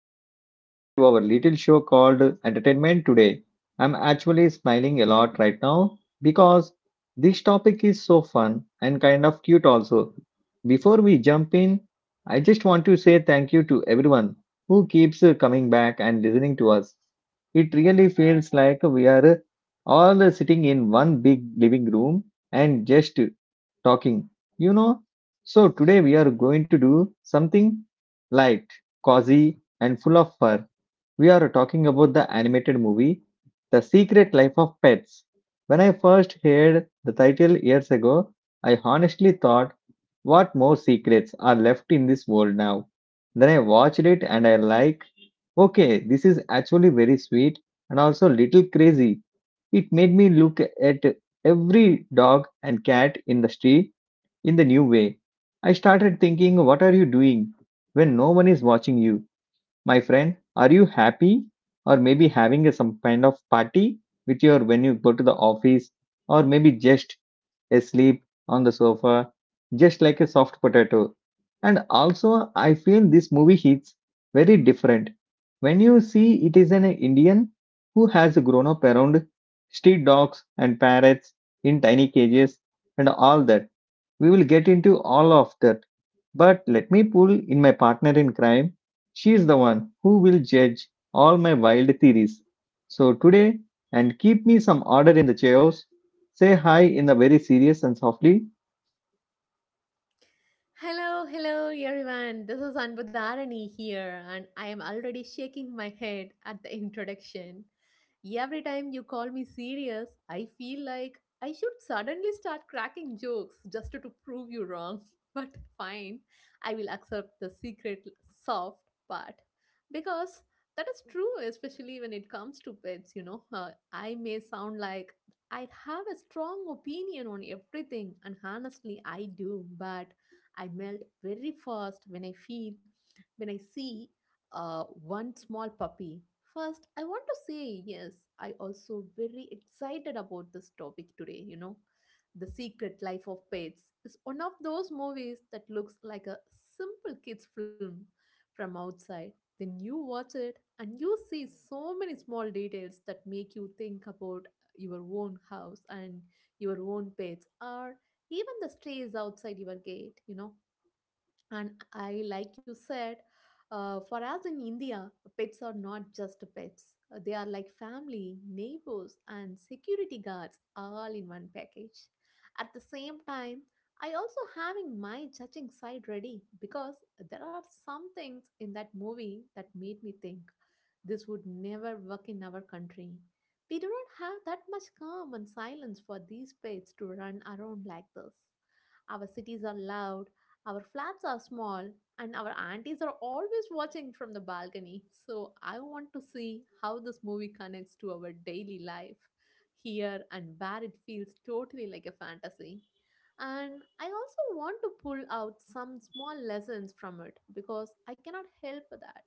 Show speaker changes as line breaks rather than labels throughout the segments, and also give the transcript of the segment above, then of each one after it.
and you're listening to our little show called Entertainment Today. I'm actually smiling a lot right now because this topic is so fun and kind of cute also. Before we jump in, I just want to say thank you to everyone who keeps coming back and listening to us. It really feels like we are all sitting in one big living room and just talking, you know. So today we are going to do something light, cozy, and full of fur. We are talking about the animated movie The Secret Life of Pets. When I first heard the title years ago, I honestly thought, what more secrets are left in this world now? Then I watched it and I like, okay, this is actually very sweet and also little crazy. It made me look at every dog and cat in the street in the new way. I started thinking, what are you doing when no one is watching you? My friend, are you happy or maybe having some kind of party with your when you go to the office or maybe just asleep on the sofa, just like a soft potato? And also, I feel this movie hits very different. When you see it is an Indian who has grown up around street dogs and parrots in tiny cages and all that we will get into all of that, but let me pull in my partner in crime. She is the one who will judge all my wild theories. So today, and keep me some order in the chaos, say hi in a very serious and softly
Hello, hello everyone. This is Anbudharani here, and I am already shaking my head at the introduction. Every time you call me serious, I feel like I should suddenly start cracking jokes just to prove you wrong. But fine, I will accept the secret soft part because that is true, especially when it comes to pets. I may sound like I have a strong opinion on everything, and honestly, I do, but I melt very fast when when I see one small puppy. First, I want to say yes, I also very excited about this topic today, you know. The Secret Life of Pets is one of those movies that looks like a simple kids film from outside. Then you watch it and you see so many small details that make you think about your own house and your own pets or even the strays outside your gate, you know, and I, like you said, for us in India, pets are not just pets. They are like family, neighbors, and security guards all in one package. At the same time, I also having my judging side ready because there are some things in that movie that made me think this would never work in our country. We do not have that much calm and silence for these pets to run around like this. Our cities are loud, our flats are small, and our aunties are always watching from the balcony. So I want to see how this movie connects to our daily life here and where it feels totally like a fantasy. And I also want to pull out some small lessons from it because I cannot help that.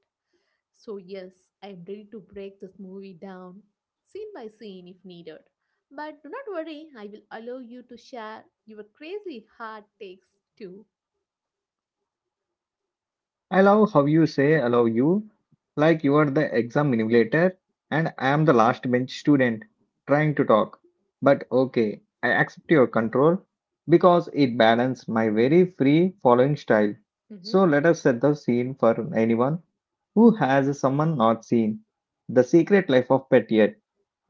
So, yes, I am ready to break this movie down scene by scene if needed. But do not worry, I will allow you to share your crazy hard takes too.
I love how you say "I love you, like you are the exam manipulator and I am the last bench student trying to talk. But okay, I accept your control because it balances my very free following style.
Mhm.
So let us set the scene for anyone who has someone not seen The Secret Life of Pet yet.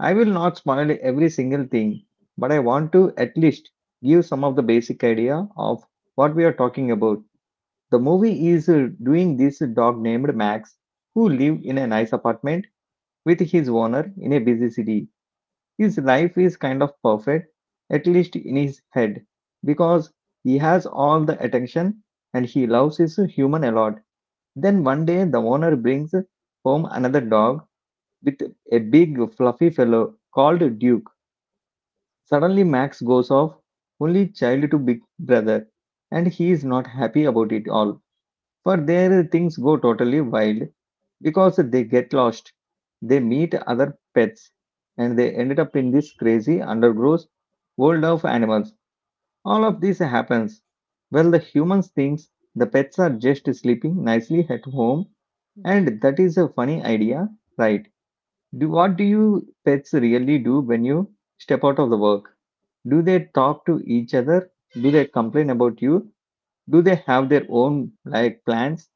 I will not spoil every single thing, but I want to at least give some of the basic idea of what we are talking about. The movie is doing this dog named Max, who live in a nice apartment with his owner in a busy city. His life is kind of perfect, at least in his head, because he has all the attention and he loves his human a lot. Then one day the owner brings home another dog with a big fluffy fellow called Duke. Suddenly Max goes off, only child to big brother, and he is not happy about it all. For there, things go totally wild because they get lost. They meet other pets and they ended up in this crazy undergrowth world of animals. All of this happens. Well, the humans thinks the pets are just sleeping nicely at home
Mm-hmm.
and that is a funny idea, right? Do what do you pets really do when you step out of the work? Do they talk to each other? Do they complain about you? Do they have their own like plans?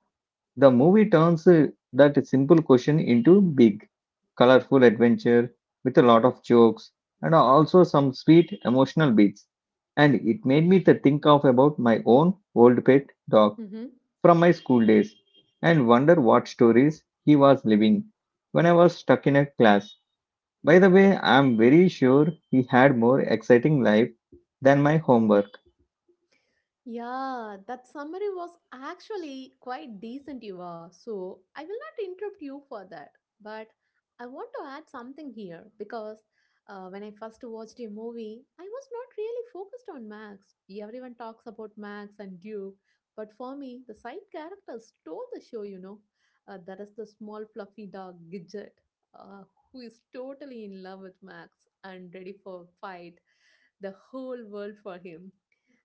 The movie turns that simple question into big, colorful adventure with a lot of jokes and also some sweet emotional beats. And it made me to think of about my own old pet dog
Mm-hmm.
from my school days and wonder what stories he was living when I was stuck in a class. By the way, I'm very sure he had more exciting life than my homework.
Yeah, that summary was actually quite decent, Eva. So I will not interrupt you for that. But I want to add something here because when I first watched a movie, I was not really focused on Max. Everyone talks about Max and Duke, but for me, the side characters stole the show, you know. That is the small fluffy dog, Gidget, uh, who is totally in love with Max and ready for a fight the whole world for him.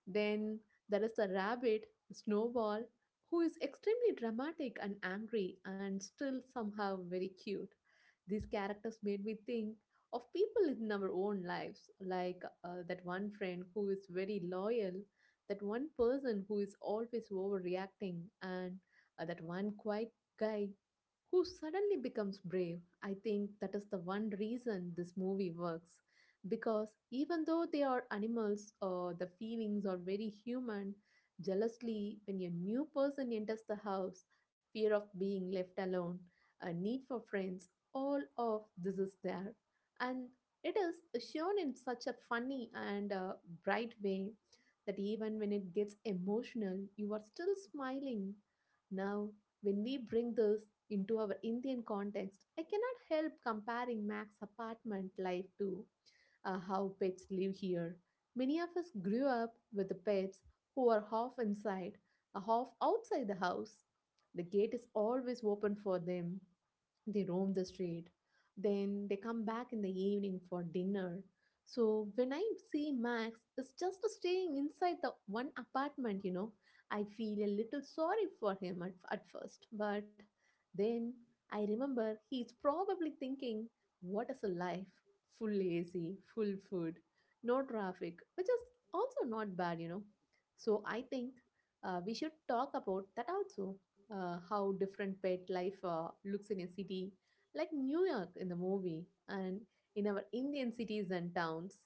Then there is the rabbit, Snowball, who is extremely dramatic and angry and still somehow very cute. These characters made me think of people in our own lives, like that one friend who is very loyal, that one person who is always overreacting, and that one quiet guy who suddenly becomes brave. I think that is the one reason this movie works because even though they are animals, the feelings are very human. Jealously when a new person enters the house, fear of being left alone, a need for friends, all of this is there, and it is shown in such a funny and bright way that even when it gets emotional you are still smiling. Now when we bring this into our Indian context, I cannot help comparing Mac's apartment life to how pets live here. Many of us grew up with the pets who are half inside, half outside the house. The gate is always open for them, they roam the street, then they come back in the evening for dinner. So when I see Max is just staying inside the one apartment, you know, I feel a little sorry for him at first, but then I remember he's probably thinking, what is a life? Full AC, full food, no traffic, which is also not bad, you know. So I think we should talk about that also, how different pet life looks in a city like New York in the movie and in our Indian cities and towns.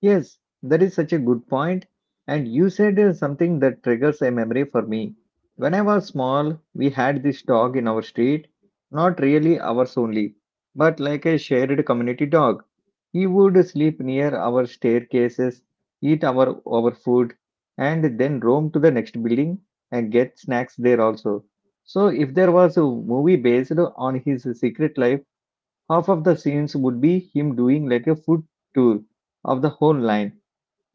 Yes, that is such a good point. And you said something that triggers a memory for me. When I
Mhm.
was small, we had this dog in our street, not really ours only, but like a shared community dog. He would sleep near our staircases, eat our food, and then roam to the next building and get snacks there also. So, if there was a movie based on his secret life, half of the scenes would be him doing like a food tour of the whole line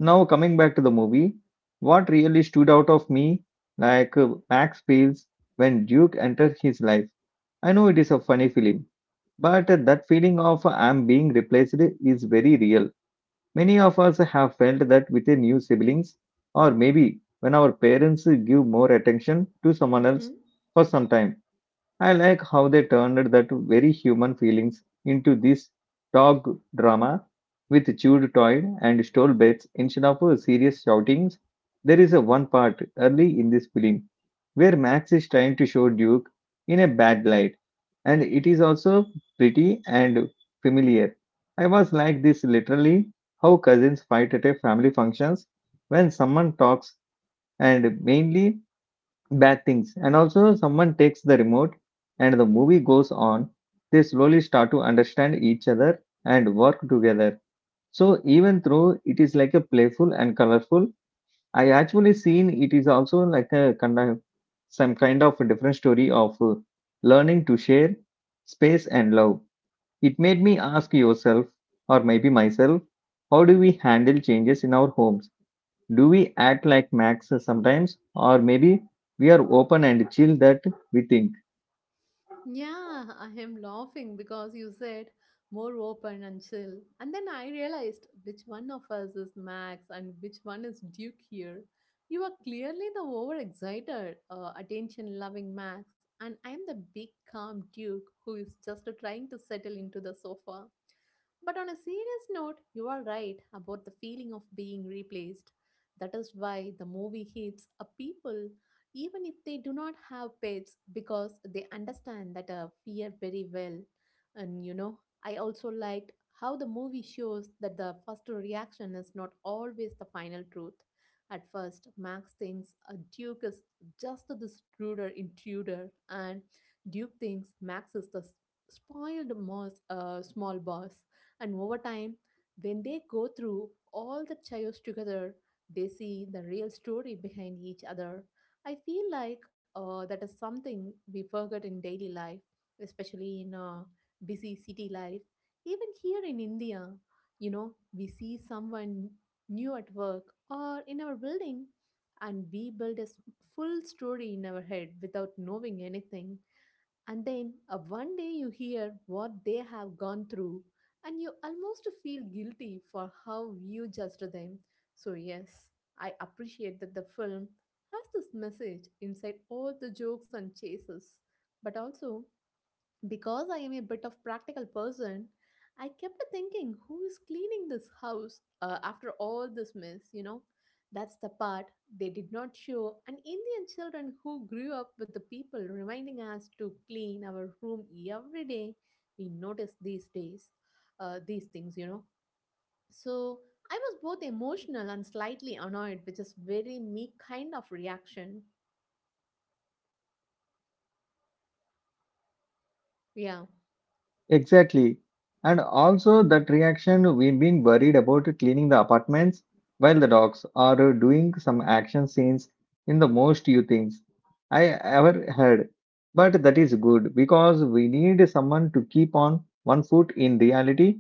now coming back to the movie, what really stood out of me, like Max feels when Duke entered his life. I know it is a funny film, but that feeling of I'm being replaced is very real. Many of us have felt that with a new siblings, or maybe when our parents give more attention to someone else
Mhm.
for some time. I like how they turned that very human feelings into this dog drama with chewed toy and stole bets instead of serious shoutings. There is a one part early in this film where Max is trying to show Duke in a bad light, and it is also pretty and familiar. I was like this literally how cousins fight at a family functions when someone talks and mainly bad things. And also, someone takes the remote and the movie goes on. They slowly start to understand each other and work together. So, even though it is like a playful and colorful, I actually seen it is also like a kind of some kind of a different story of learning to share space and love. It made me ask yourself, or maybe myself, how do we handle changes in our homes? Do we act like Max sometimes, or maybe we are open and chill that we think?
Yeah, I am laughing because you said more open and chill. And then I realized which one of us is Max and which one is Duke here. You are clearly the overexcited, attention loving Max, and I am the big calm Duke who is just trying to settle into the sofa. But on a serious note, you are right about the feeling of being replaced. That is why the movie hits a people even if they do not have pets because they understand that fear very well. And you know, I also liked how the movie shows that the first reaction is not always the final truth. At first, Max thinks a Duke is just this ruder intruder, and Duke thinks Max is the spoiled moss, small boss. And over time, when they go through all the chaos together, they see the real story behind each other. I feel like that is something we forget in daily life, especially in busy city life. Even here in India, you know, we see someone new at work or in our building, and we build a full story in our head without knowing anything, and then one day you hear what they have gone through, and you almost feel guilty for how you judged them. So, yes, I appreciate that the film has this message inside all the jokes and chases, but also because I am a bit of practical person, I kept thinking who is cleaning this house after all this mess, you know? That's the part they did not show, and Indian children who grew up with the people reminding us to clean our room every day, we notice these days, these things, you know? So I was both emotional and slightly annoyed, which is very me kind of reaction. Yeah.
Exactly. And also that reaction we've been worried about cleaning the apartments while the dogs are doing some action scenes in the most you things I ever heard. But that is good because we need someone to keep on one foot in reality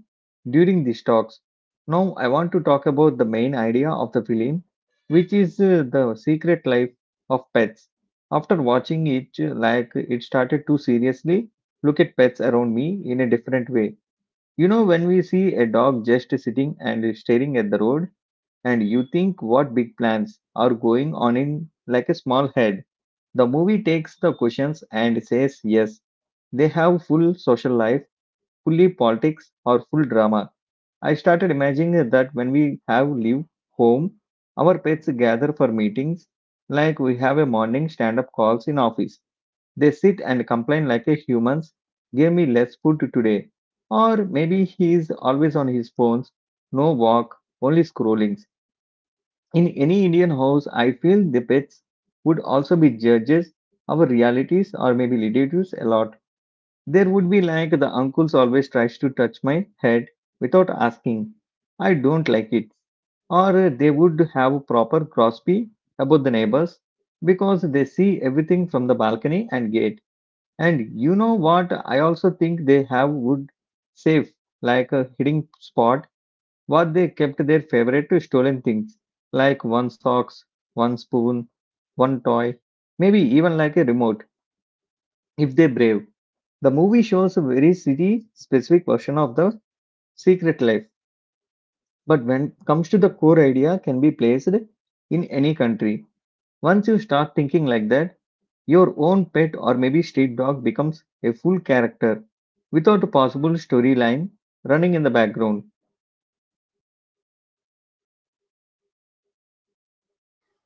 during these talks. Now I want to talk about the main idea of the film, which is the secret life of pets. After watching it, like it started too seriously look at pets around me in a different way. You know, when we see a dog just sitting and staring at the road, and you think what big plans are going on in like a small head, the movie takes the questions and says yes. They have full social life, fully politics, or full drama. I started imagining that when we have leave home, our pets gather for meetings, like we have a morning stand-up calls in office they sit and complain like a humans. Gave me less food today. Or maybe he is always on his phones. No walk, only scrollings. In any Indian house, I feel the pets would also be judges, our realities or maybe relatives a lot. There would be like the uncles always tries to touch my head without asking. I don't like it. Or they would have proper crosby about the neighbors because they see everything from the balcony and gate. And you know what? I also think they have wood safe, like a hiding spot, what they kept their favorite stolen things, like one socks, one spoon, one toy, maybe even like a remote, if they're brave. The movie shows a very city specific version of the secret life, but when it comes to the core idea, can be placed in any country. Once you start thinking like that, your own pet or maybe street dog becomes a full character without a possible storyline running in the background.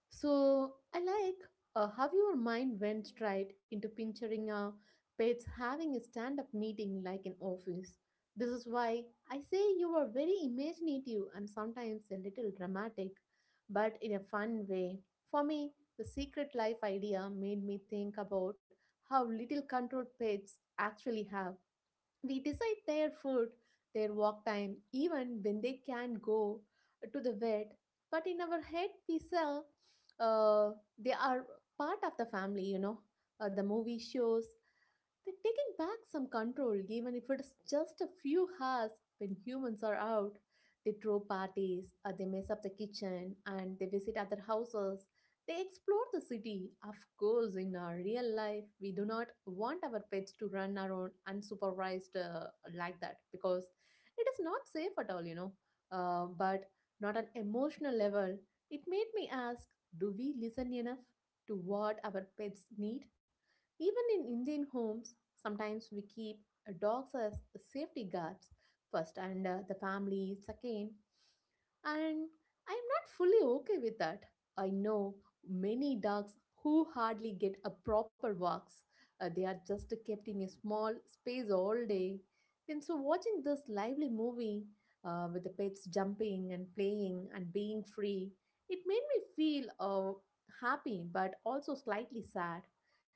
So I like how your mind went straight into picturing a pets having a stand-up meeting like an office. This is why I say you are very imaginative and sometimes a little dramatic, but in a fun way. For me, the secret life idea made me think about how little control pets actually have. We decide their food, their walk time, even when they can go to the vet. But in our head, we sell, uh, they are part of the family, you know. The movie shows they're taking back some control, even if it's just a few hours when humans are out. They throw parties, they mess up the kitchen, and they visit other houses, they explore the city. Of course, in our real life, we do not want our pets to run around unsupervised like that because it is not safe at all, you know. But not an emotional level, it made me ask, do we listen enough to what our pets need? Even in Indian homes, sometimes we keep dogs as safety guards first and the family second. And I'm not fully okay with that. I know many dogs who hardly get a proper walks. They are just kept in a small space all day. Then, so watching this lively movie with the pets jumping and playing and being free, it made me feel happy but also slightly sad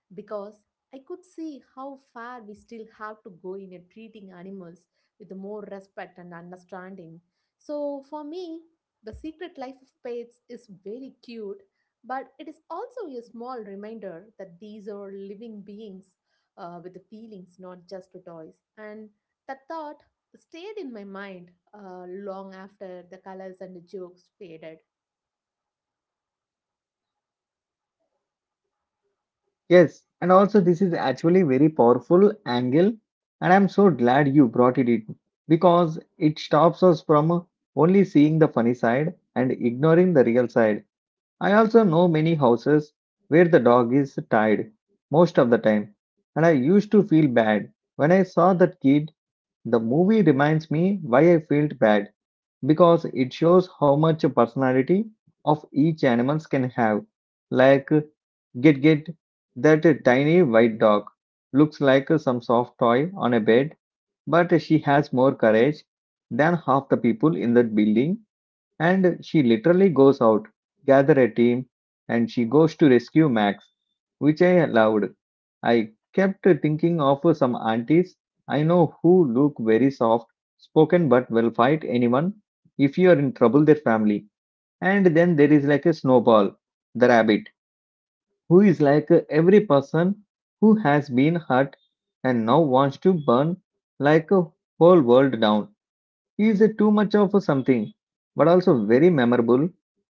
because I could see how far we still have to go in treating animals with more respect and understanding. So, for me, The Secret Life of Pets is very cute, but it is also a small reminder that these are living beings with feelings, not just toys. And that thought stayed in my mind long after the colors and the jokes faded.
Yes, and also this is actually very powerful angle and I'm so glad you brought it in because it stops us from only seeing the funny side and ignoring the real side. I also know many houses where the dog is tied most of the time and I used to feel bad when I saw that kid. The movie reminds me why I felt bad because it shows how much personality of each animals can have. Like get that tiny white dog looks like some soft toy on a bed, but she has more courage than half the people in that building and she literally goes out, gather a team, and she goes to rescue Max, which I allowed. I kept thinking of some aunties I know who look very soft spoken but will fight anyone if you are in trouble their family. And then there is like a snowball, the rabbit, who is like every person who has been hurt and now wants to burn like a whole world down. He is a too much of a something, but also very memorable,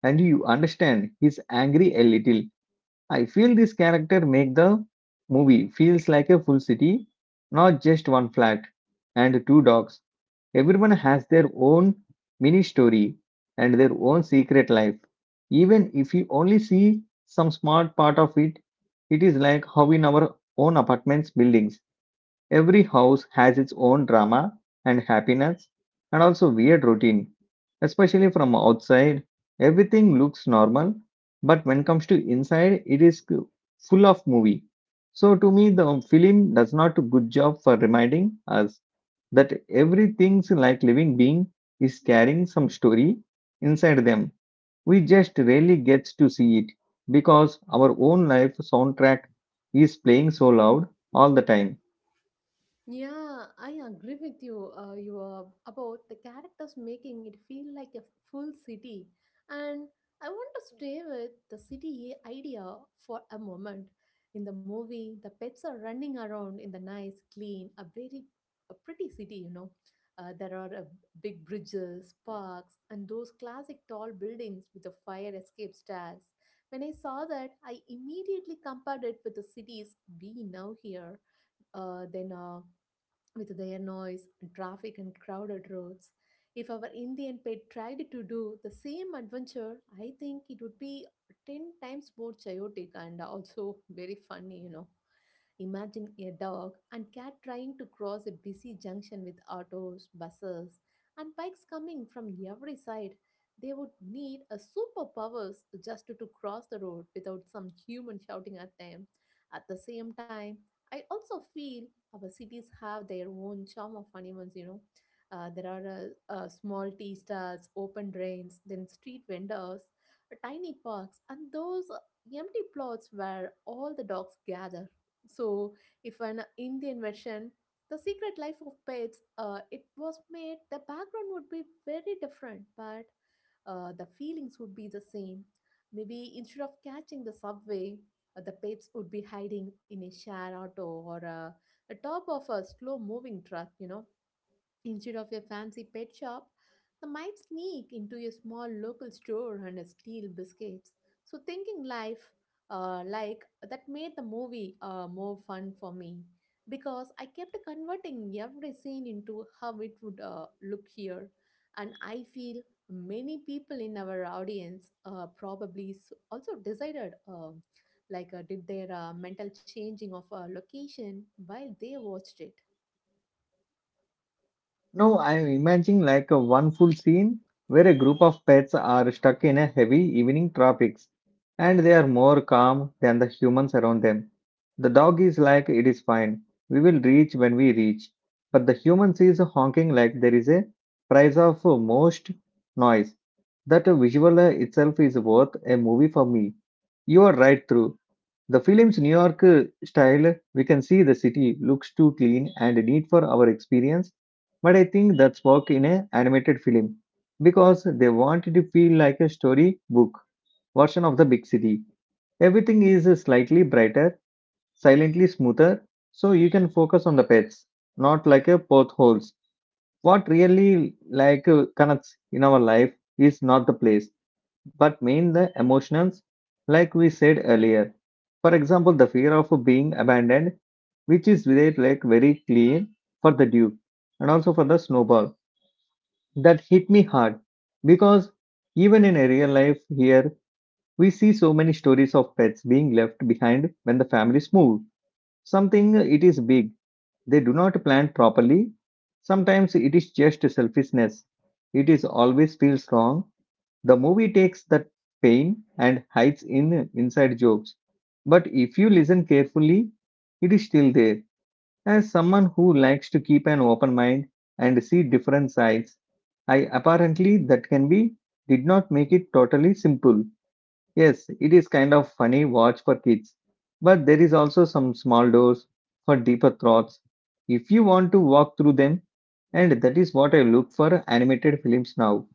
and you understand he's angry a little. I feel this character make the movie feels like a full city, not just one flat and two dogs. Everyone has their own mini story and their own secret life. Even if you only see some smart part of it, it is like how in our own apartments buildings every house has its own drama and happiness, and also weird routine. Especially from outside, everything looks normal, but when comes to inside, it is full of movie. So to me, the film does not a good job for reminding us that everything's like living being is carrying some story inside them. We just rarely get to see it because our own life soundtrack is playing so loud all the time.
Yeah, I agree with you. About the characters making it feel like a full city, and I want to stay with the city idea for a moment. In the movie, the pets are running around in the nice, clean, a pretty city. You know, there are big bridges, parks, and those classic tall buildings with the fire escape stairs. When I saw that, I immediately compared it with the cities we now hear, then with their noise, traffic, and crowded roads. If our Indian pet tried to do the same adventure, I think it would be 10 times more chaotic and also very funny, you know. Imagine a dog and cat trying to cross a busy junction with autos, buses, and bikes coming from every side. They would need a superpowers just to cross the road without some human shouting at them. At the same time, I also feel our cities have their own charm of animals, you know. There are small tea stalls, open drains, then street vendors, tiny parks, and those empty plots where all the dogs gather. So, if an in the invention, The Secret Life of Pets, it was made, the background would be very different, but the feelings would be the same. Maybe instead of catching the subway, the pets would be hiding in a shared auto or a top of a slow moving truck, you know. Instead of a fancy pet shop, they might sneak into a small local store and steal biscuits. So, thinking life like that made the movie more fun for me because I kept converting every scene into how it would look here. And I feel many people in our audience probably also decided. Like did their mental changing of a location while they watched it.
No, I'm imagining like a one full scene where a group of pets are stuck in a heavy evening traffics and they are more calm than the humans around them. The dog is like, it is fine. We will reach when we reach. But the humans is honking like there is a price of most noise. That visual itself is worth a movie for me. You are right through. The film's New York style, we can see the city looks too clean and neat for our experience but I think that's work in an animated film because they want it to feel like a storybook version of the big city. Everything is slightly brighter, silently smoother, so you can focus on the pets, not like a potholes. What really like connects in our life is not the place, but main the emotions, like we said earlier. For example, the fear of being abandoned, which is very like very clear for the Duke and also for the Snowball that hit me hard because even in a real life here, we see so many stories of pets being left behind when the families move. Something it is big, they do not plan properly. Sometimes it is just selfishness. It is always feels wrong. The movie takes that pain and hides in inside jokes. But if you listen carefully, it is still there. As someone who likes to keep an open mind and see different sides, I apparently that can be did not make it totally simple. Yes, it is kind of funny watch for kids, but there is also some small doors for deeper thoughts if you want to walk through them. And that is what I look for animated films now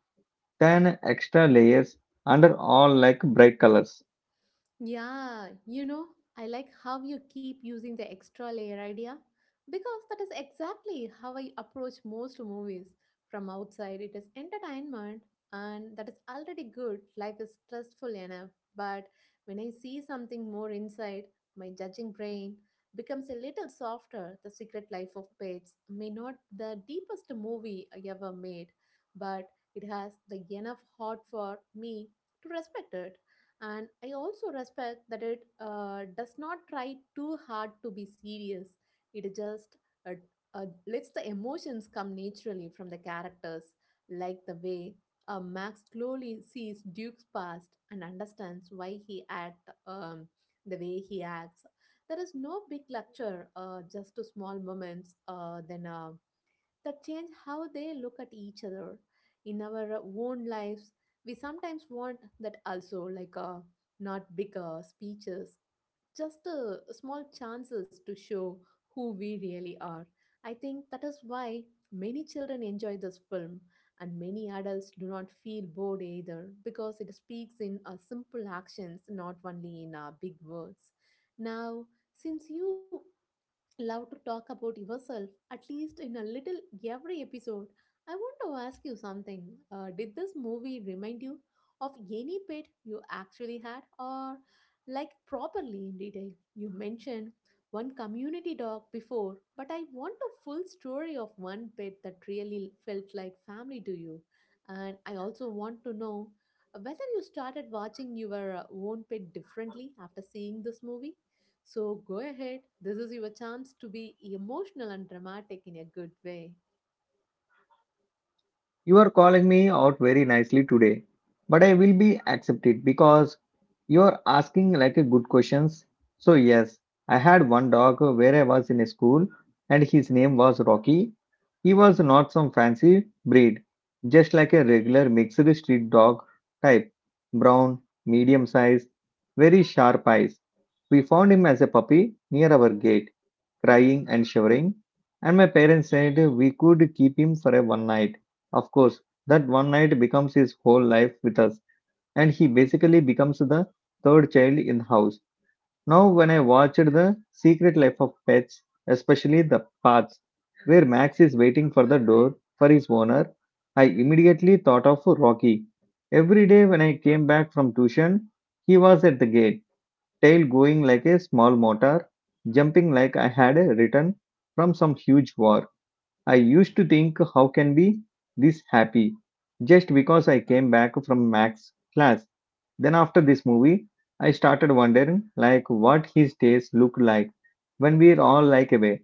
than extra layers under all like bright colors.
Yeah, I like how you keep using the extra layer idea because that is exactly how I approach most movies. From outside, it is entertainment, and that is already good. Life is stressful enough. But when I see something more inside, my judging brain becomes a little softer. The Secret Life of Pets may not the deepest movie I ever made, but it has the enough heart for me to respect it, and I also respect that it does not try too hard to be serious. It just uh, lets the emotions come naturally from the characters, like the way Max slowly sees Duke's past and understands why he act, the way he acts. There is no big lecture, just to small moments, then that change how they look at each other. In our own lives, we sometimes want that also, like not bigger speeches, just small chances to show who we really are. I think that is why many children enjoy this film, and many adults do not feel bored either because it speaks in simple actions, not only in big words. Now, since you love to talk about yourself at least in a little every episode. I want to ask you something. Did this movie remind you of any pet you actually had, or like properly in detail? You mentioned one community dog before, but I want a full story of one pet that really felt like family to you. And I also want to know whether you started watching your own pet differently after seeing this movie. So go ahead. This is your chance to be emotional and dramatic in a good way.
You are calling me out very nicely today, but I will be accepted because you are asking like a good questions. So yes, I had one dog where I was in a school and his name was Rocky. He was not some fancy breed, just like a regular mixed street dog type, brown, medium size, very sharp eyes. We found him as a puppy near our gate, crying and shivering, and my parents said we could keep him for a one night of course, that one night becomes his whole life with us, and he basically becomes the third child in the house. Now, when I watched The Secret Life of Pets, especially the parts where Max is waiting for the door for his owner, I immediately thought of Rocky. Every day when I came back from tuition, he was at the gate, tail going like a small motor, jumping like I had written from some huge war. I used to think how can be this happy just because I came back from Mac's class. Then after this movie, I started wondering like what his days look like when we're all like away.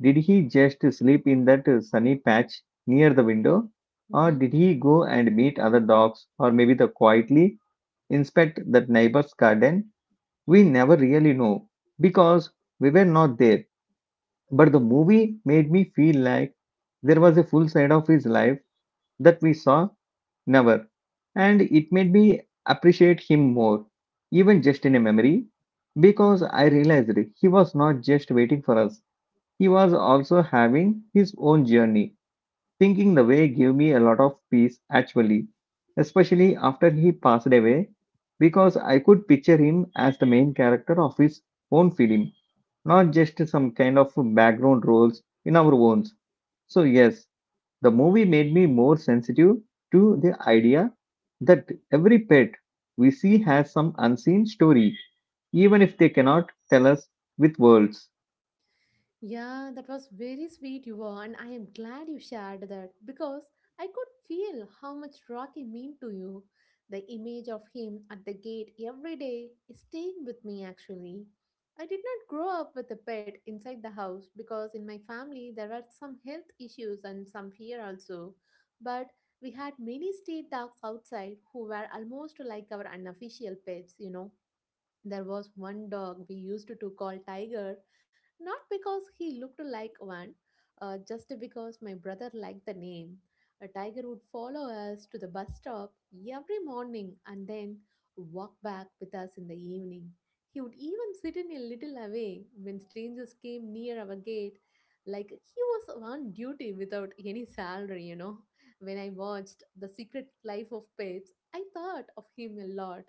Did he just sleep in that sunny patch near the window? Or
Mm-hmm.
did he go and meet other dogs or maybe the quietly inspect that neighbor's garden? We never really know because we were not there. But the movie made me feel like there was a full side of his life that we saw never, and
Mm-hmm.
it made me appreciate him more, even just in a memory, because I realized he was not just waiting for us, he was also having his own journey. Thinking the way gave me a lot of peace actually, especially after he passed away, because I could picture him as the main character of his own film not just some kind of background roles in our own. So, yes, the movie made me more sensitive to the idea that every pet we see has some unseen story, even if they cannot tell us with words.
Yeah, that was very sweet you were, and I am glad you shared that because I could feel how much Rocky meant to you. The image of him at the gate every day is staying with me actually. I did not grow up with a pet inside the house because in my family there were some health issues and some fear also. But we had many street dogs outside who were almost like our unofficial pets, you know. There was one dog we used to call Tiger, not because he looked like one, just because my brother liked the name. A tiger would follow us to the bus stop every morning and then walk back with us in the evening. He would even sit in a little away when strangers came near our gate, like he was on duty without any salary, you know. When I watched The Secret Life of Pets, I thought of him a lot,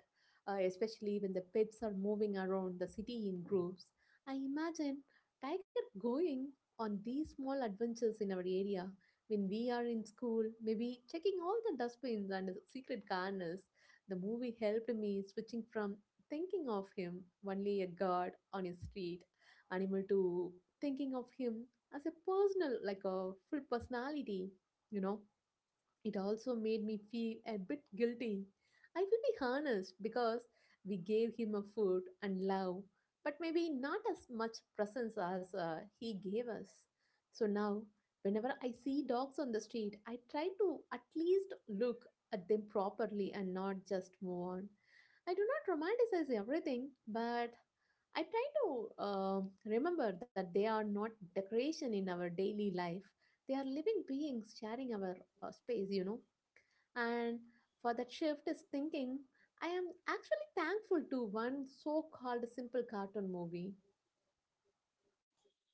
especially when the pets are moving around the city in groups. I imagine Tiger going on these small adventures in our area when we are in school, maybe checking all the dustbins and the secret corners. The movie helped me switching from thinking of him only a guard on a street animal to thinking of him as a personal, like a full personality, you know. It also made me feel a bit guilty. I will be honest because we gave him a food and love, but maybe not as much presence as he gave us. So now, whenever I see dogs on the street, I try to at least look at them properly and not just move on. I do not romanticize everything, but I try to remember that they are not decoration in our daily life. They are living beings sharing our space, you know. And for that shift is thinking, I am actually thankful to one so called simple cartoon movie.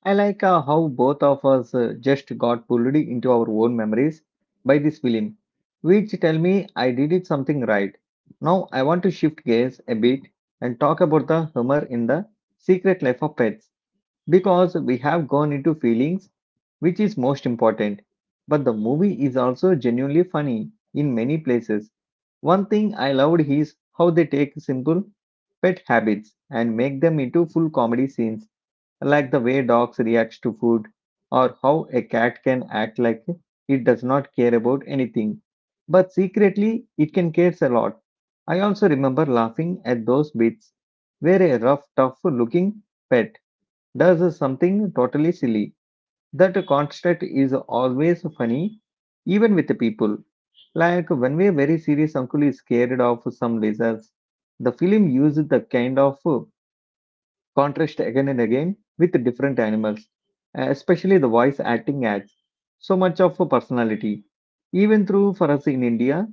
I like how both of us just got pulled into our own memories by this film, which tell me I did it something right. Now I want to shift gears a bit and talk about the humor in the secret life of pets because we have gone into feelings, which is most important. But the movie is also genuinely funny in many places. One thing I loved is how they take simple pet habits and make them into full comedy scenes, like the way dogs react to food or how a cat can act like it does not care about anything. But secretly, it can care a lot. I also remember laughing at those bits where a rough, tough looking pet does something totally silly. That constant is always funny, even with the people. Like when we are very serious, uncle is scared of some lasers. The film used the kind of contrast again and again with the different animals, especially the voice acting adds so much of a personality. Even through for us in India,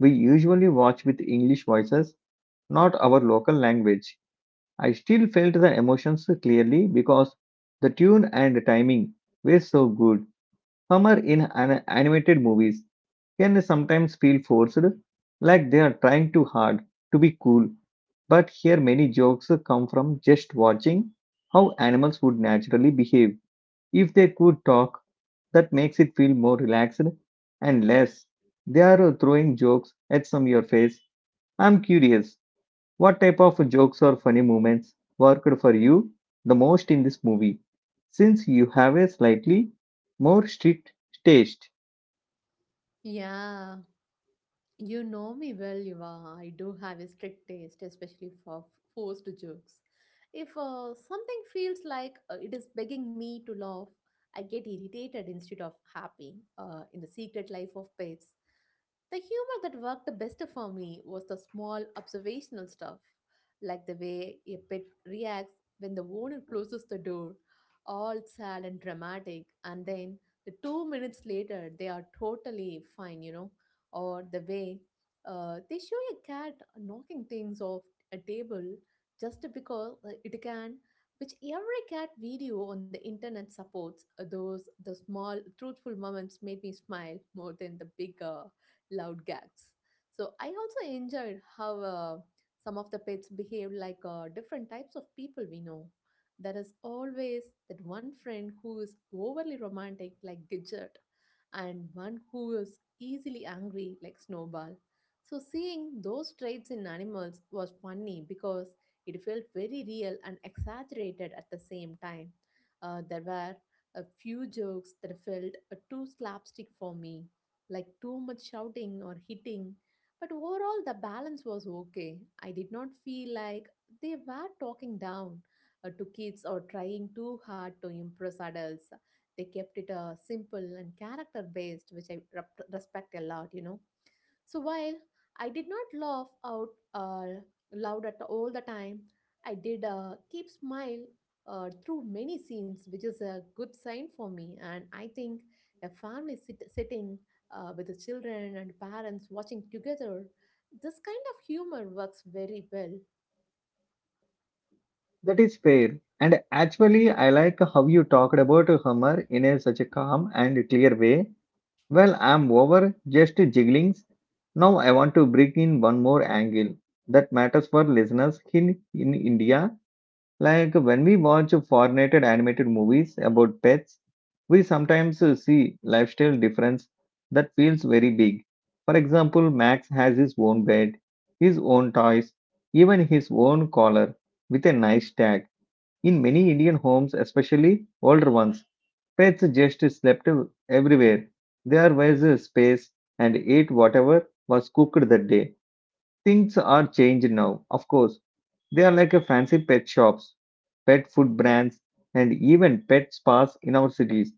we usually watch with English voices, not our local language. I still felt the emotions clearly because the tune and timing were so good. Humor in animated movies can sometimes feel forced, like they are trying too hard to be cool. But here, many jokes come from just watching how animals would naturally behave if they could talk. That makes it feel more relaxed and less. They are throwing jokes at some your face. I'm curious. What type of jokes or funny moments worked for you the most in this movie? Since you have a slightly more strict taste,
Yeah, you know me well, Yuva. I do have a strict taste, especially for forced jokes. If something feels like it is begging me to laugh, I get irritated instead of happy. In the secret life of pets, the humor that worked the best for me was the small observational stuff, like the way a pet reacts when the owner closes the door, all sad and dramatic, and then the 2 minutes later they are totally fine, you know, or the way they show a cat knocking things off a table just because it can, which every cat video on the internet supports. Those the small truthful moments made me smile more than the big loud gags. So I also enjoyed how some of the pets behave like different types of people we know. There is always that one friend who is overly romantic like Gidget, and one who is easily angry like Snowball. So seeing those traits in animals was funny because it felt very real and exaggerated at the same time. There were a few jokes that felt too slapstick for me, like too much shouting or hitting. But overall, the balance was okay. I did not feel like they were talking down to kids or trying too hard to impress adults. They kept it simple and character based, which I respect a lot, you know. So while I did not laugh out uh, loud at all the time, I did keep smile through many scenes, which is a good sign for me. And I think a family sitting with the children and parents watching together, this kind of humor works very well.
that is fair. And actually, I like how you talked about humor in a, such a calm and clear way. Well, I'm over just jigglings. Now I want to bring in one more angle that matters for listeners in India Like when we watch foreignated animated movies about pets, we sometimes see lifestyle difference that feels very big. For example, Max has his own bed, his own toys, even his own collar with a nice tag. In many Indian homes, especially older ones, pets just slept everywhere. There was a space and ate whatever was cooked that day. Things are changed now, of course, they are like a fancy pet shops, pet food brands, and even pet spas in our cities.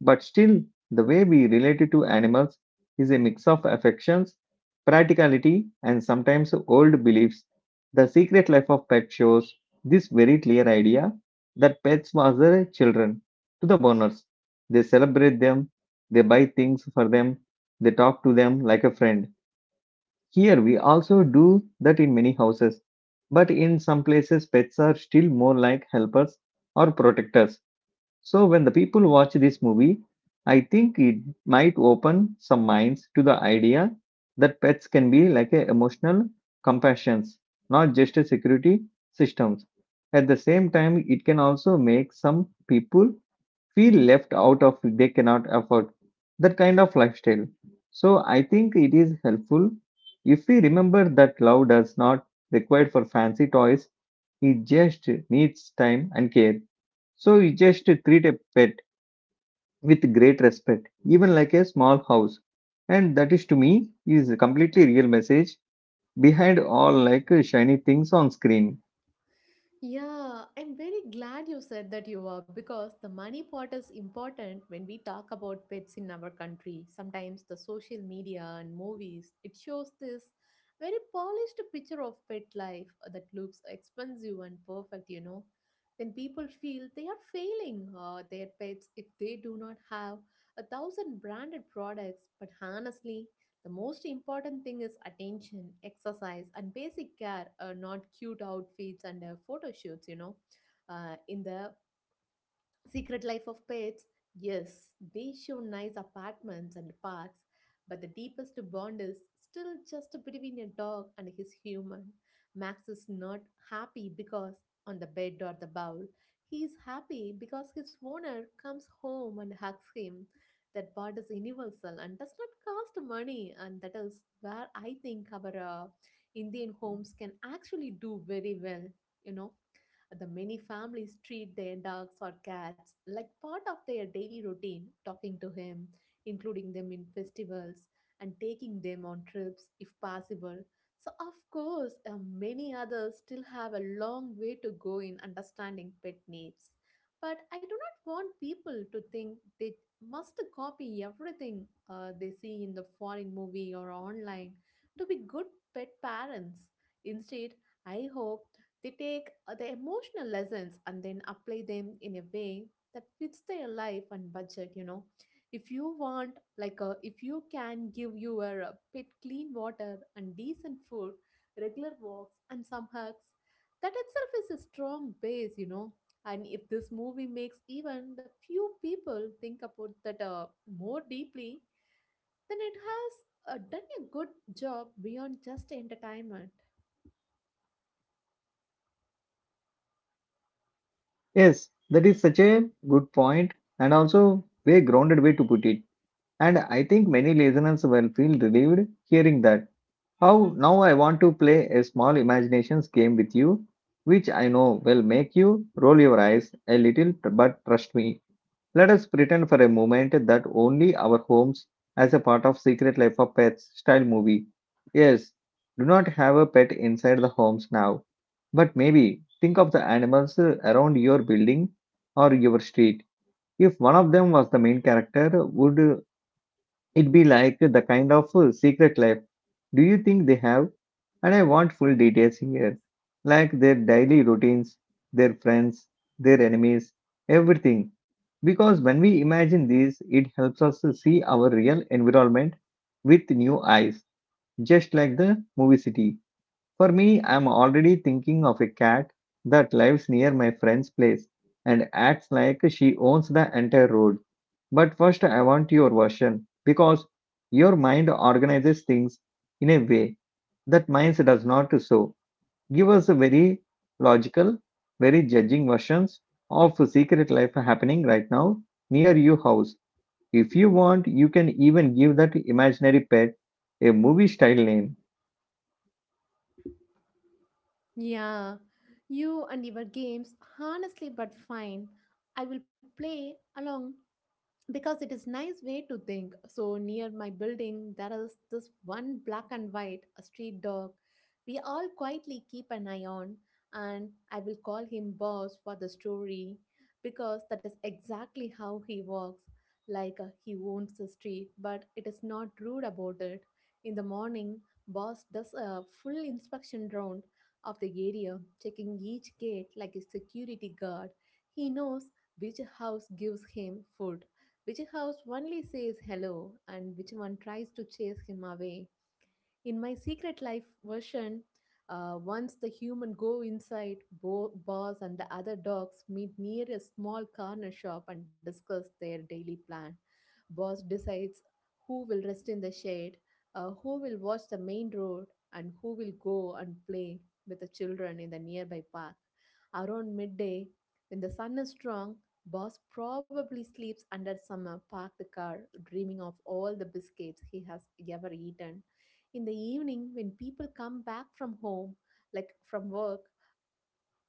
But still, the way we relate to animals is a mix of affections, practicality, and sometimes old beliefs. The Secret Life of Pets shows this very clear idea that pets was the children to the owners. They celebrate them, they buy things for them, they talk to them like a friend. Here we also do that in many houses, but in some places pets are still more like helpers or protectors. So when the people watch this movie, I think it might open some minds to the idea that pets can be like a emotional companions, not just a security systems. At the same time, it can also make some people feel left out of they cannot afford that kind of lifestyle so I think it is helpful if we remember that love does not require for fancy toys it just needs time and care so you just treat a pet with great respect even like a small house and that is to me is a completely real message behind all like shiny things on screen
Yeah, I'm very glad you said that you are because the money part is important when we talk about pets in our country. Sometimes the social media and movies it shows this very polished picture of pet life that looks expensive and perfect, you know. Then people feel they are failing their pets if they do not have a thousand branded products. But honestly, the most important thing is attention, exercise, and basic care, not cute outfits and photo shoots, you know. In the Secret Life of Pets, yes, they show nice apartments and parks, but the deepest bond is still just between a dog and his human. Max is not happy because on the bed or the bowl. He is happy because his owner comes home and hugs him. That bond is universal and does not cost money, and that is where I think our uh, Indian homes can actually do very well, you know. The many families treat their dogs or cats like part of their daily routine, talking to him, including them in festivals, and taking them on trips if possible. So, of course, many others still have a long way to go in understanding pet needs. But I do not want people to think they must copy everything they see in the foreign movie or online to be good pet parents. Instead, I hope they take the emotional lessons and then apply them in a way that fits their life and budget, you know. If you want, like, if you can give your pet clean water and decent food, regular walks, and some hugs, that itself is a strong base, you know. And if this movie makes even the few people think about that more deeply, then it has done a good job beyond just entertainment.
yes that is such a good point and also very grounded way to put it And I think many listeners will feel relieved hearing that. How now I want to play a small imaginations game with you, which I know will make you roll your eyes a little, but trust me. Let us pretend for a moment that only our homes as a part of Secret Life of Pets style movie. Yes, do not have a pet inside the homes now, but maybe think of the animals around your building or your street. If one of them was the main character, would It'd be like the kind of secret life. Do you think they have? And I want full details here, like their daily routines, their friends, their enemies, everything. Because when we imagine these, it helps us to see our real environment with new eyes, just like the movie city. For me, I'm already thinking of a cat that lives near my friend's place and acts like she owns the entire road. But first, I want your version because your mind organizes things in a way that mine does not. So, give us a very logical, very judging versions of secret life happening right now near your house. If you want, you can even give that imaginary pet a movie style name.
Yeah, you and your games, honestly, but fine. I will play along because it is nice way to think. So near my building there is this one black and white a street dog we all quietly keep an eye on, and I will call him Boss for the story because that is exactly how he walks, like he owns the street but it is not rude about it. In the morning Boss does a full inspection round of the area, checking each gate like a security guard. He knows which house gives him food, which house only says hello, and which one tries to chase him away. In my secret life version, once the human go inside, Boss and the other dogs meet near a small corner shop and discuss their daily plan. Boss decides who will rest in the shade, who will watch the main road, and who will go and play with the children in the nearby park. Around midday, when the sun is strong, Boss probably sleeps under some parked car, dreaming of all the biscuits he has ever eaten in the evening when people come back from home, like from work.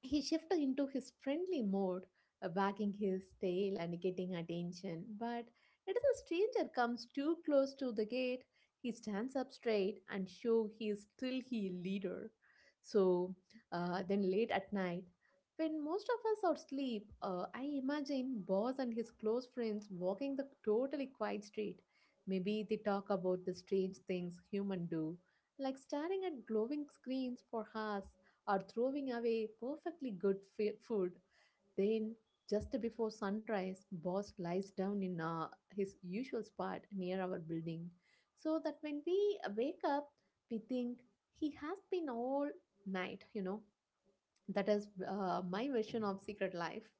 He shifted into his friendly mode, wagging his tail and getting attention. But as a stranger comes too close to the gate, he stands up straight and show he is still he leader. So then late at night, when most of us are asleep, I imagine boss and his close friends walking the totally quiet street. Maybe they talk about the strange things human do, like staring at glowing screens for hours or throwing away perfectly good food. Then, just before sunrise, boss lies down in his usual spot near our building so that when we wake up, we think he has been all night. That is my version of secret life.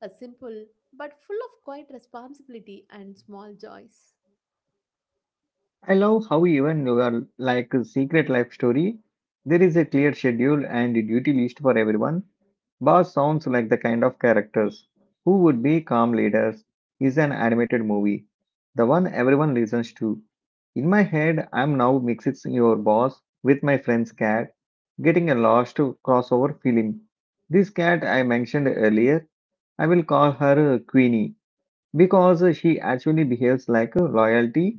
A simple but full of quiet responsibility and small joys.
I love how even your like secret life story, there is a clear schedule and a duty list for everyone. Boss sounds like the kind of characters who would be calm leaders is an animated movie, the one everyone listens to. In my head, I'm now mixing your boss with my friend's cat, getting a lost crossover feeling. This cat I mentioned earlier, I will call her Queenie because she actually behaves like a royalty.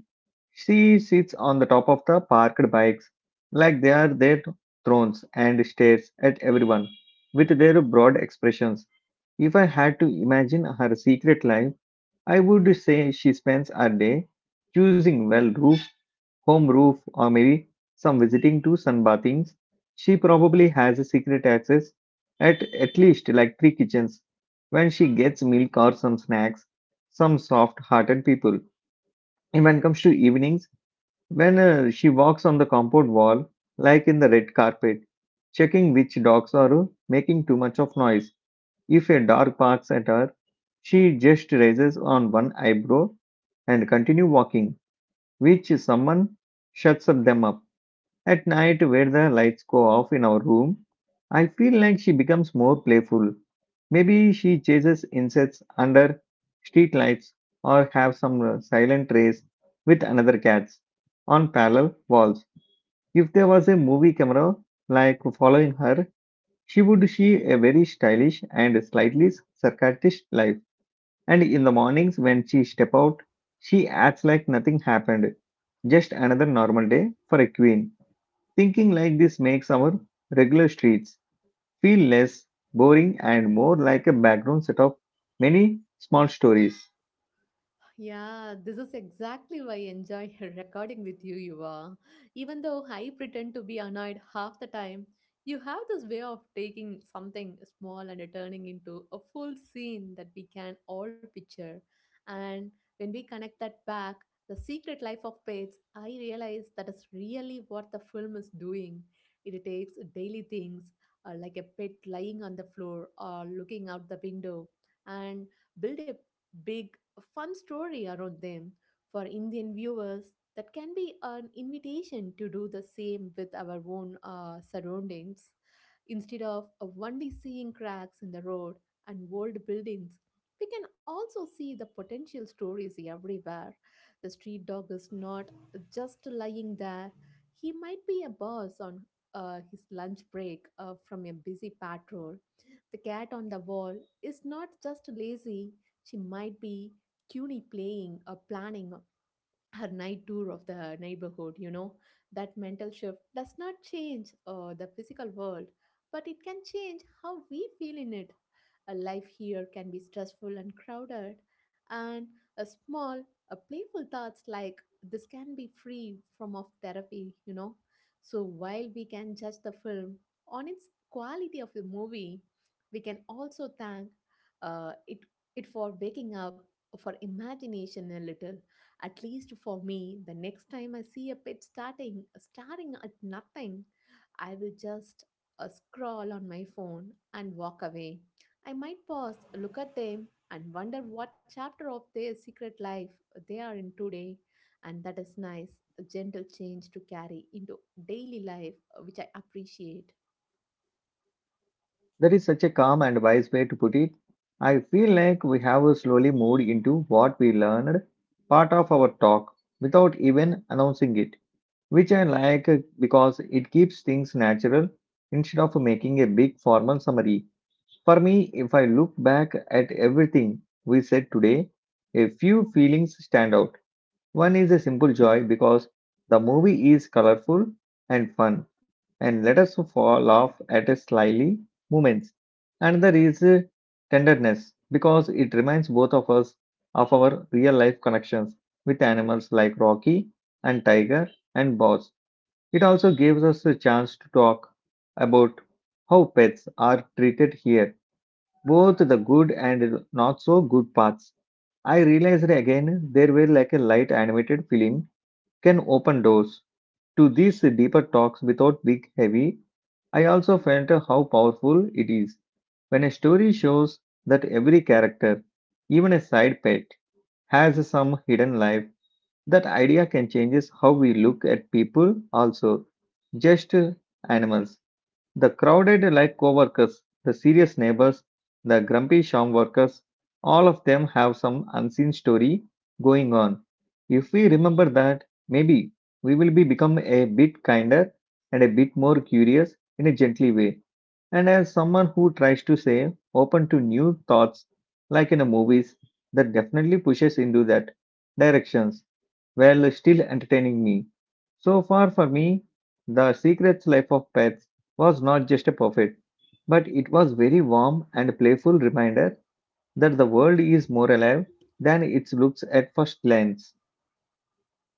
She sits on the top of the parked bikes like they are their thrones and stares at everyone with their broad expressions. If I had to imagine her secret life, I would say she spends her day choosing well roofs home roof, or maybe some visiting to sunbathings, she probably has a secret access at least like three kitchens when she gets milk or some snacks, some soft hearted people. And when it comes to evenings, when she walks on the compound wall, like in the red carpet, checking which dogs are making too much of noise. If a dog barks at her, she just raises on one eyebrow and continue walking, which someone shuts up them up. At night, where the lights go off in our room, I feel like she becomes more playful. Maybe she chases insects under streetlights or have some silent race with another cats on parallel walls. If there was a movie camera like following her, she would see a very stylish and slightly sarcastic life. And in the mornings when she step out, she acts like nothing happened, just another normal day for a queen. Thinking like this makes our regular streets feel less boring and more like a background set of many small stories.
Yeah, this is exactly why I enjoy recording with you, Yuva. Even though I pretend to be annoyed half the time, you have this way of taking something small and turning into a full scene that we can all picture. And when we connect that back, the secret life of pets, I realize that is really what the film is doing. It takes daily things like a pet lying on the floor or looking out the window, and build a big a fun story around them. For Indian viewers, that can be an invitation to do the same with our own surroundings. Instead of only seeing cracks in the road and old buildings, we can also see the potential stories everywhere. The street dog is not just lying there, he might be a boss on his lunch break from a busy patrol. The cat on the wall is not just lazy, she might be cuny playing or planning her night tour of the neighborhood, you know. That mental shift does not change the physical world, but it can change how we feel in it. A life here can be stressful and crowded, and a small a playful thoughts like this can be free from of therapy, you know. So while we can judge the film on its quality of the movie, we can also thank uh, it it for waking up for imagination a little. At least for me, the next time I see a pet starting staring at nothing, I will just scroll on my phone and walk away. I might pause, look at them, and wonder what chapter of their secret life they are in today. And that is nice, a gentle change to carry into daily life, which I appreciate.
That is such a calm and wise way to put it. I feel like we have slowly moved into what we learned part of our talk without even announcing it, which I like because it keeps things natural instead of making a big formal summary. For me, if I look back at everything we said today, a few feelings stand out. One is a simple joy because the movie is colorful and fun and let us fall laugh at a slyly moments. Another is tenderness because it reminds both of us of our real life connections with animals like Rocky and Tiger and Boss. It also gives us a chance to talk about how pets are treated here, both the good and not so good parts. I realized again there were like a light animated film can open doors to these deeper talks without big heavy. I also felt how powerful it is when a story shows that every character, even a side pet, has some hidden life. That idea can change how we look at people also, just animals. The crowded light co-workers, the serious neighbors, the grumpy sham workers, all of them have some unseen story going on. If we remember that, maybe we will be become a bit kinder and a bit more curious in a gently way. And as someone who tries to say open to new thoughts like in the movies, that definitely pushes into that directions while still entertaining me. So far for me, The Secret Life of Pets was not just a perfect, but it was very warm and playful reminder that the world is more alive than it looks at first glance.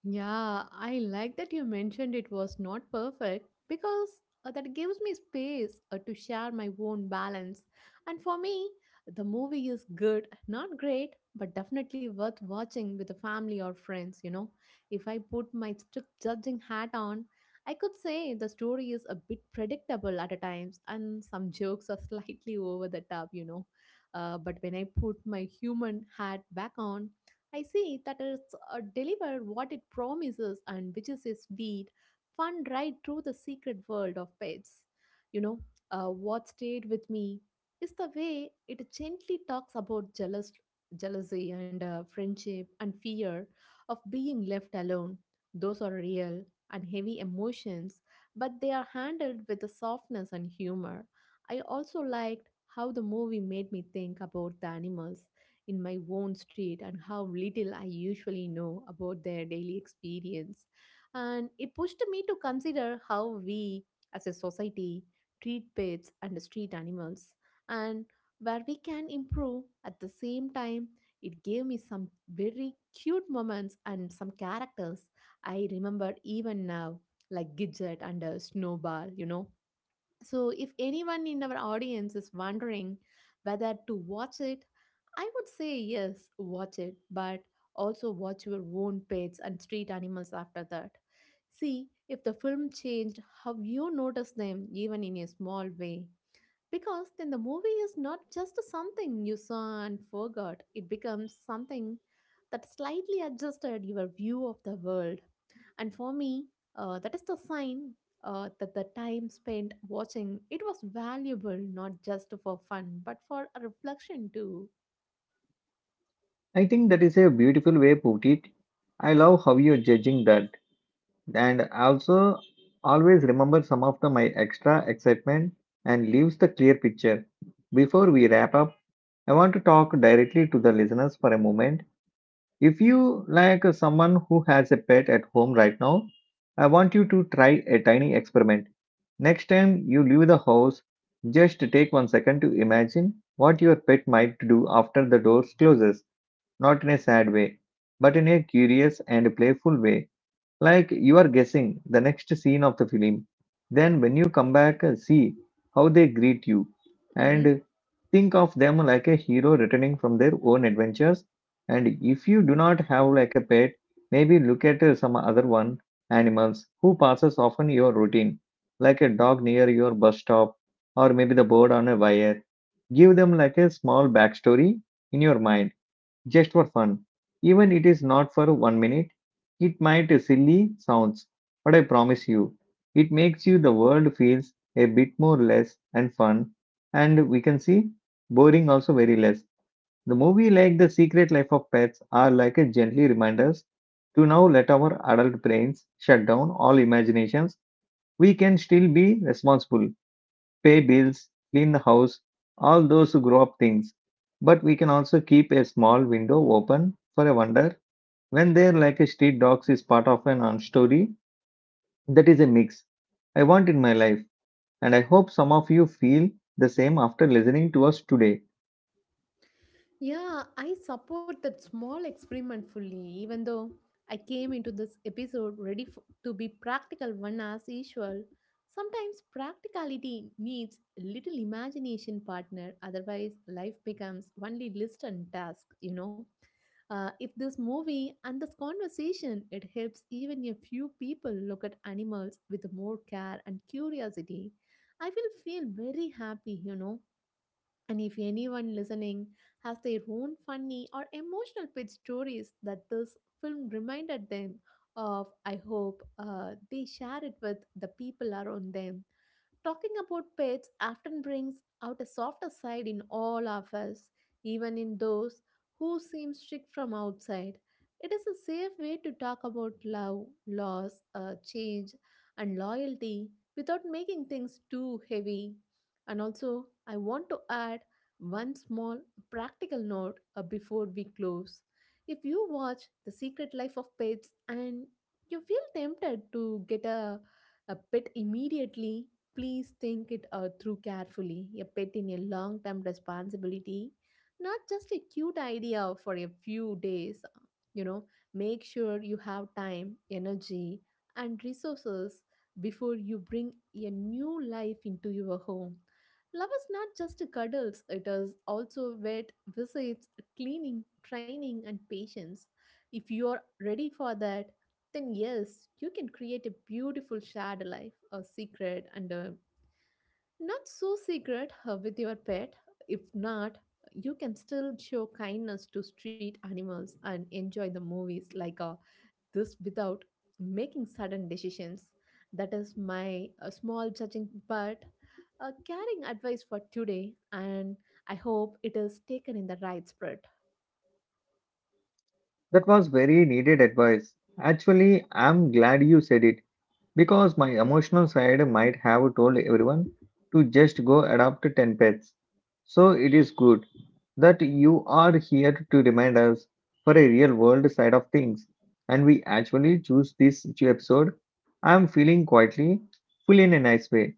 Yeah, I like that you mentioned it was not perfect, because that gives me space to share my own balance. And for me, the movie is good, not great, but definitely worth watching with a family or friends, you know. If I put my strict judging hat on, I could say the story is a bit predictable at a times and some jokes are slightly over the top, you know. But when I put my human hat back on, I see that it's delivered what it promises, and which is a sweet, fun ride through the secret world of pets. You know, what stayed with me is the way it gently talks about jealousy and friendship and fear of being left alone. Those are real and heavy emotions, but they are handled with a softness and humor. I also liked how the movie made me think about the animals in my own street and how little I usually know about their daily experience. And it pushed me to consider how we, as a society, treat pets and street animals, and where we can improve at the same time. It gave me some very cute moments and some characters I remember even now, like Gidget and Snowball, you know. So, if anyone in our audience is wondering whether to watch it, I would say yes, watch it, but also watch your own pets and street animals after that. See if the film changed how you notice them, even in a small way. Because then the movie is not just something you saw and forgot, it becomes something that slightly adjusted your view of the world. And for me, that is the sign that the time spent watching it was valuable, not just for fun, but for a reflection too.
I think that is a beautiful way put it. I love how you're judging that. And also always remember some of the my extra excitement and leaves the clear picture. Before we wrap up, I want to talk directly to the listeners for a moment. If you like someone who has a pet at home right now, I want you to try a tiny experiment. Next time you leave the house, just take one second to imagine what your pet might do after the door closes, not in a sad way, but in a curious and playful way like you are guessing the next scene of the film. Then, when you come back, see how they greet you and
Hmm.
think of them like a hero returning from their own adventures. And if you do not have like a pet, maybe look at some other one animals who passes often your routine, like a dog near your bus stop or maybe the bird on a wire. Give them like a small backstory in your mind just for fun. Even it is not for one minute. It might silly sounds, but I promise you, it makes you the world feels a bit more less and fun, and we can see boring also very less. The movie like The Secret Life of Pets are like a gently reminders to now let our adult brains shut down all imaginations. We can still be responsible pay bills, clean the house, all those grow up things. But we can also keep a small window open for a wonder when they're like a street dogs is part of an on story that is a mix I want in my life. And I hope some of you feel the same after listening to us today.
Yeah, I support that small experiment fully, even though I came into this episode ready to be practical one as usual. Sometimes practicality needs a little imagination partner, otherwise, life becomes only list and task, you know. If this movie and this conversation it helps even a few people look at animals with more care and curiosity, I will feel very happy, you know. And if anyone listening has their own funny or emotional pet stories that this film reminded them of, I hope they share it with the people around them. Talking about pets often brings out a softer side in all of us, even in those who seem strict from outside. It is a safe way to talk about love, loss, change, and loyalty without making things too heavy. And also, I want to add one small practical note before we close. If you watch The Secret Life of Pets and you feel tempted to get a pet immediately, please think it through carefully. A pet in a long term responsibility, not just a cute idea for a few days. You know, make sure you have time, energy, and resources before you bring a new life into your home. Love is not just cuddles, it is also wet visits, cleaning, training, and patience. If you are ready for that, then yes, you can create a beautiful shared life, a secret and not so secret with your pet. If not, you can still show kindness to street animals and enjoy the movies like this without making sudden decisions. That is my small judging but caring advice for today, and I hope it is taken in the right spirit.
That was very needed advice. Actually, I'm glad you said it. Because my emotional side might have told everyone to just go adopt 10 pets. So it is good that you are here to remind us for a real world side of things. And we actually choose this episode. I am feeling quietly full in a nice way.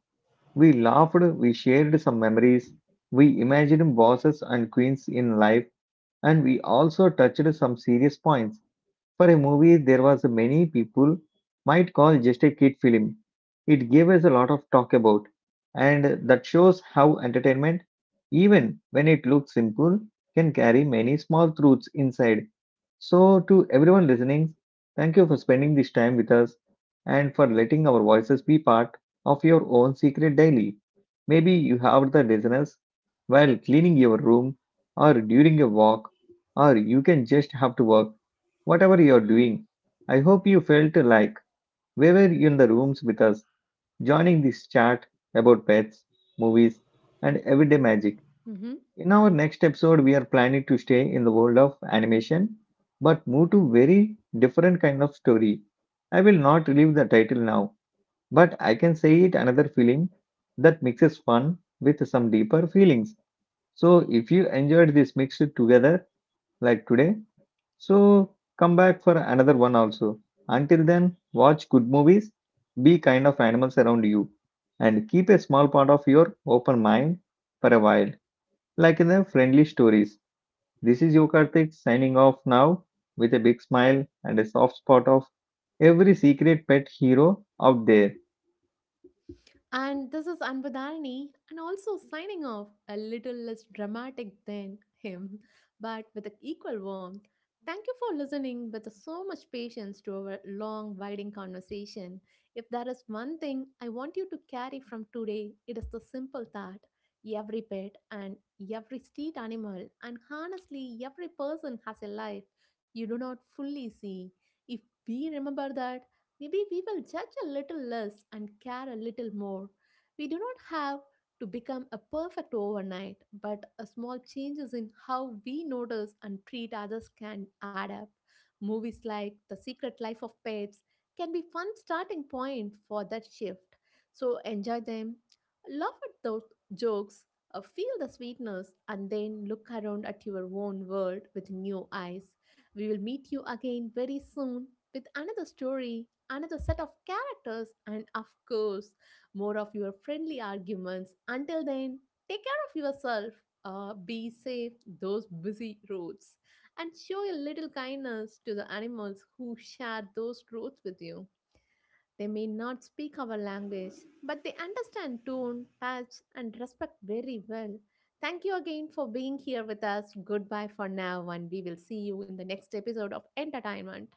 We laughed, we shared some memories, we imagined bosses and queens in life, and we also touched some serious points. For a movie there was many people might call just a kid film. It gave us a lot of talk about and that shows how entertainment even when it looks simple can carry many small truths inside. So, to everyone listening, thank you for spending this time with us and for letting our voices be part of your own secret daily. Maybe you have the listeners while cleaning your room or during a walk, or you can just have to work. Whatever you're doing, I hope you felt like we were in the rooms with us, joining this chat about pets, movies, and everyday magic.
Mhm.
In our next episode, we are planning to stay in the world of animation, but move to very different kind of story. I will not reveal the title now, but I can say it another film that mixes fun with some deeper feelings. So if you enjoyed this mixed together like today, so come back for another one also. Until then, watch good movies, be kind of animals around you, and keep a small part of your open mind for a while, like in the friendly stories. This is Yokartik signing off now with a big smile and a soft spot of every secret pet hero out there.
And this is Anbudharani, and also signing off a little less dramatic than him, but with an equal warmth. Thank you for listening with so much patience to our long, winding conversation. If there is one thing I want you to carry from today, it is the simple thought every pet and every street animal, and honestly, every person has a life you do not fully see. If we remember that, maybe we will judge a little less and care a little more. We do not have to become a perfect overnight, but a small changes in how we notice and treat others can add up. Movies like The Secret Life of Pets can be fun starting point for that shift. So enjoy them, laugh at those jokes, feel the sweetness, and then look around at your own world with new eyes. We will meet you again very soon with another story, another set of characters, and of course, more of your friendly arguments. Until then, take care of yourself. Be safe those busy roads and show a little kindness to the animals who share those roads with you. They may not speak our language, but they understand tone, touch, and respect very well. Thank you again for being here with us. Goodbye for now, and we will see you in the next episode of Entertainment.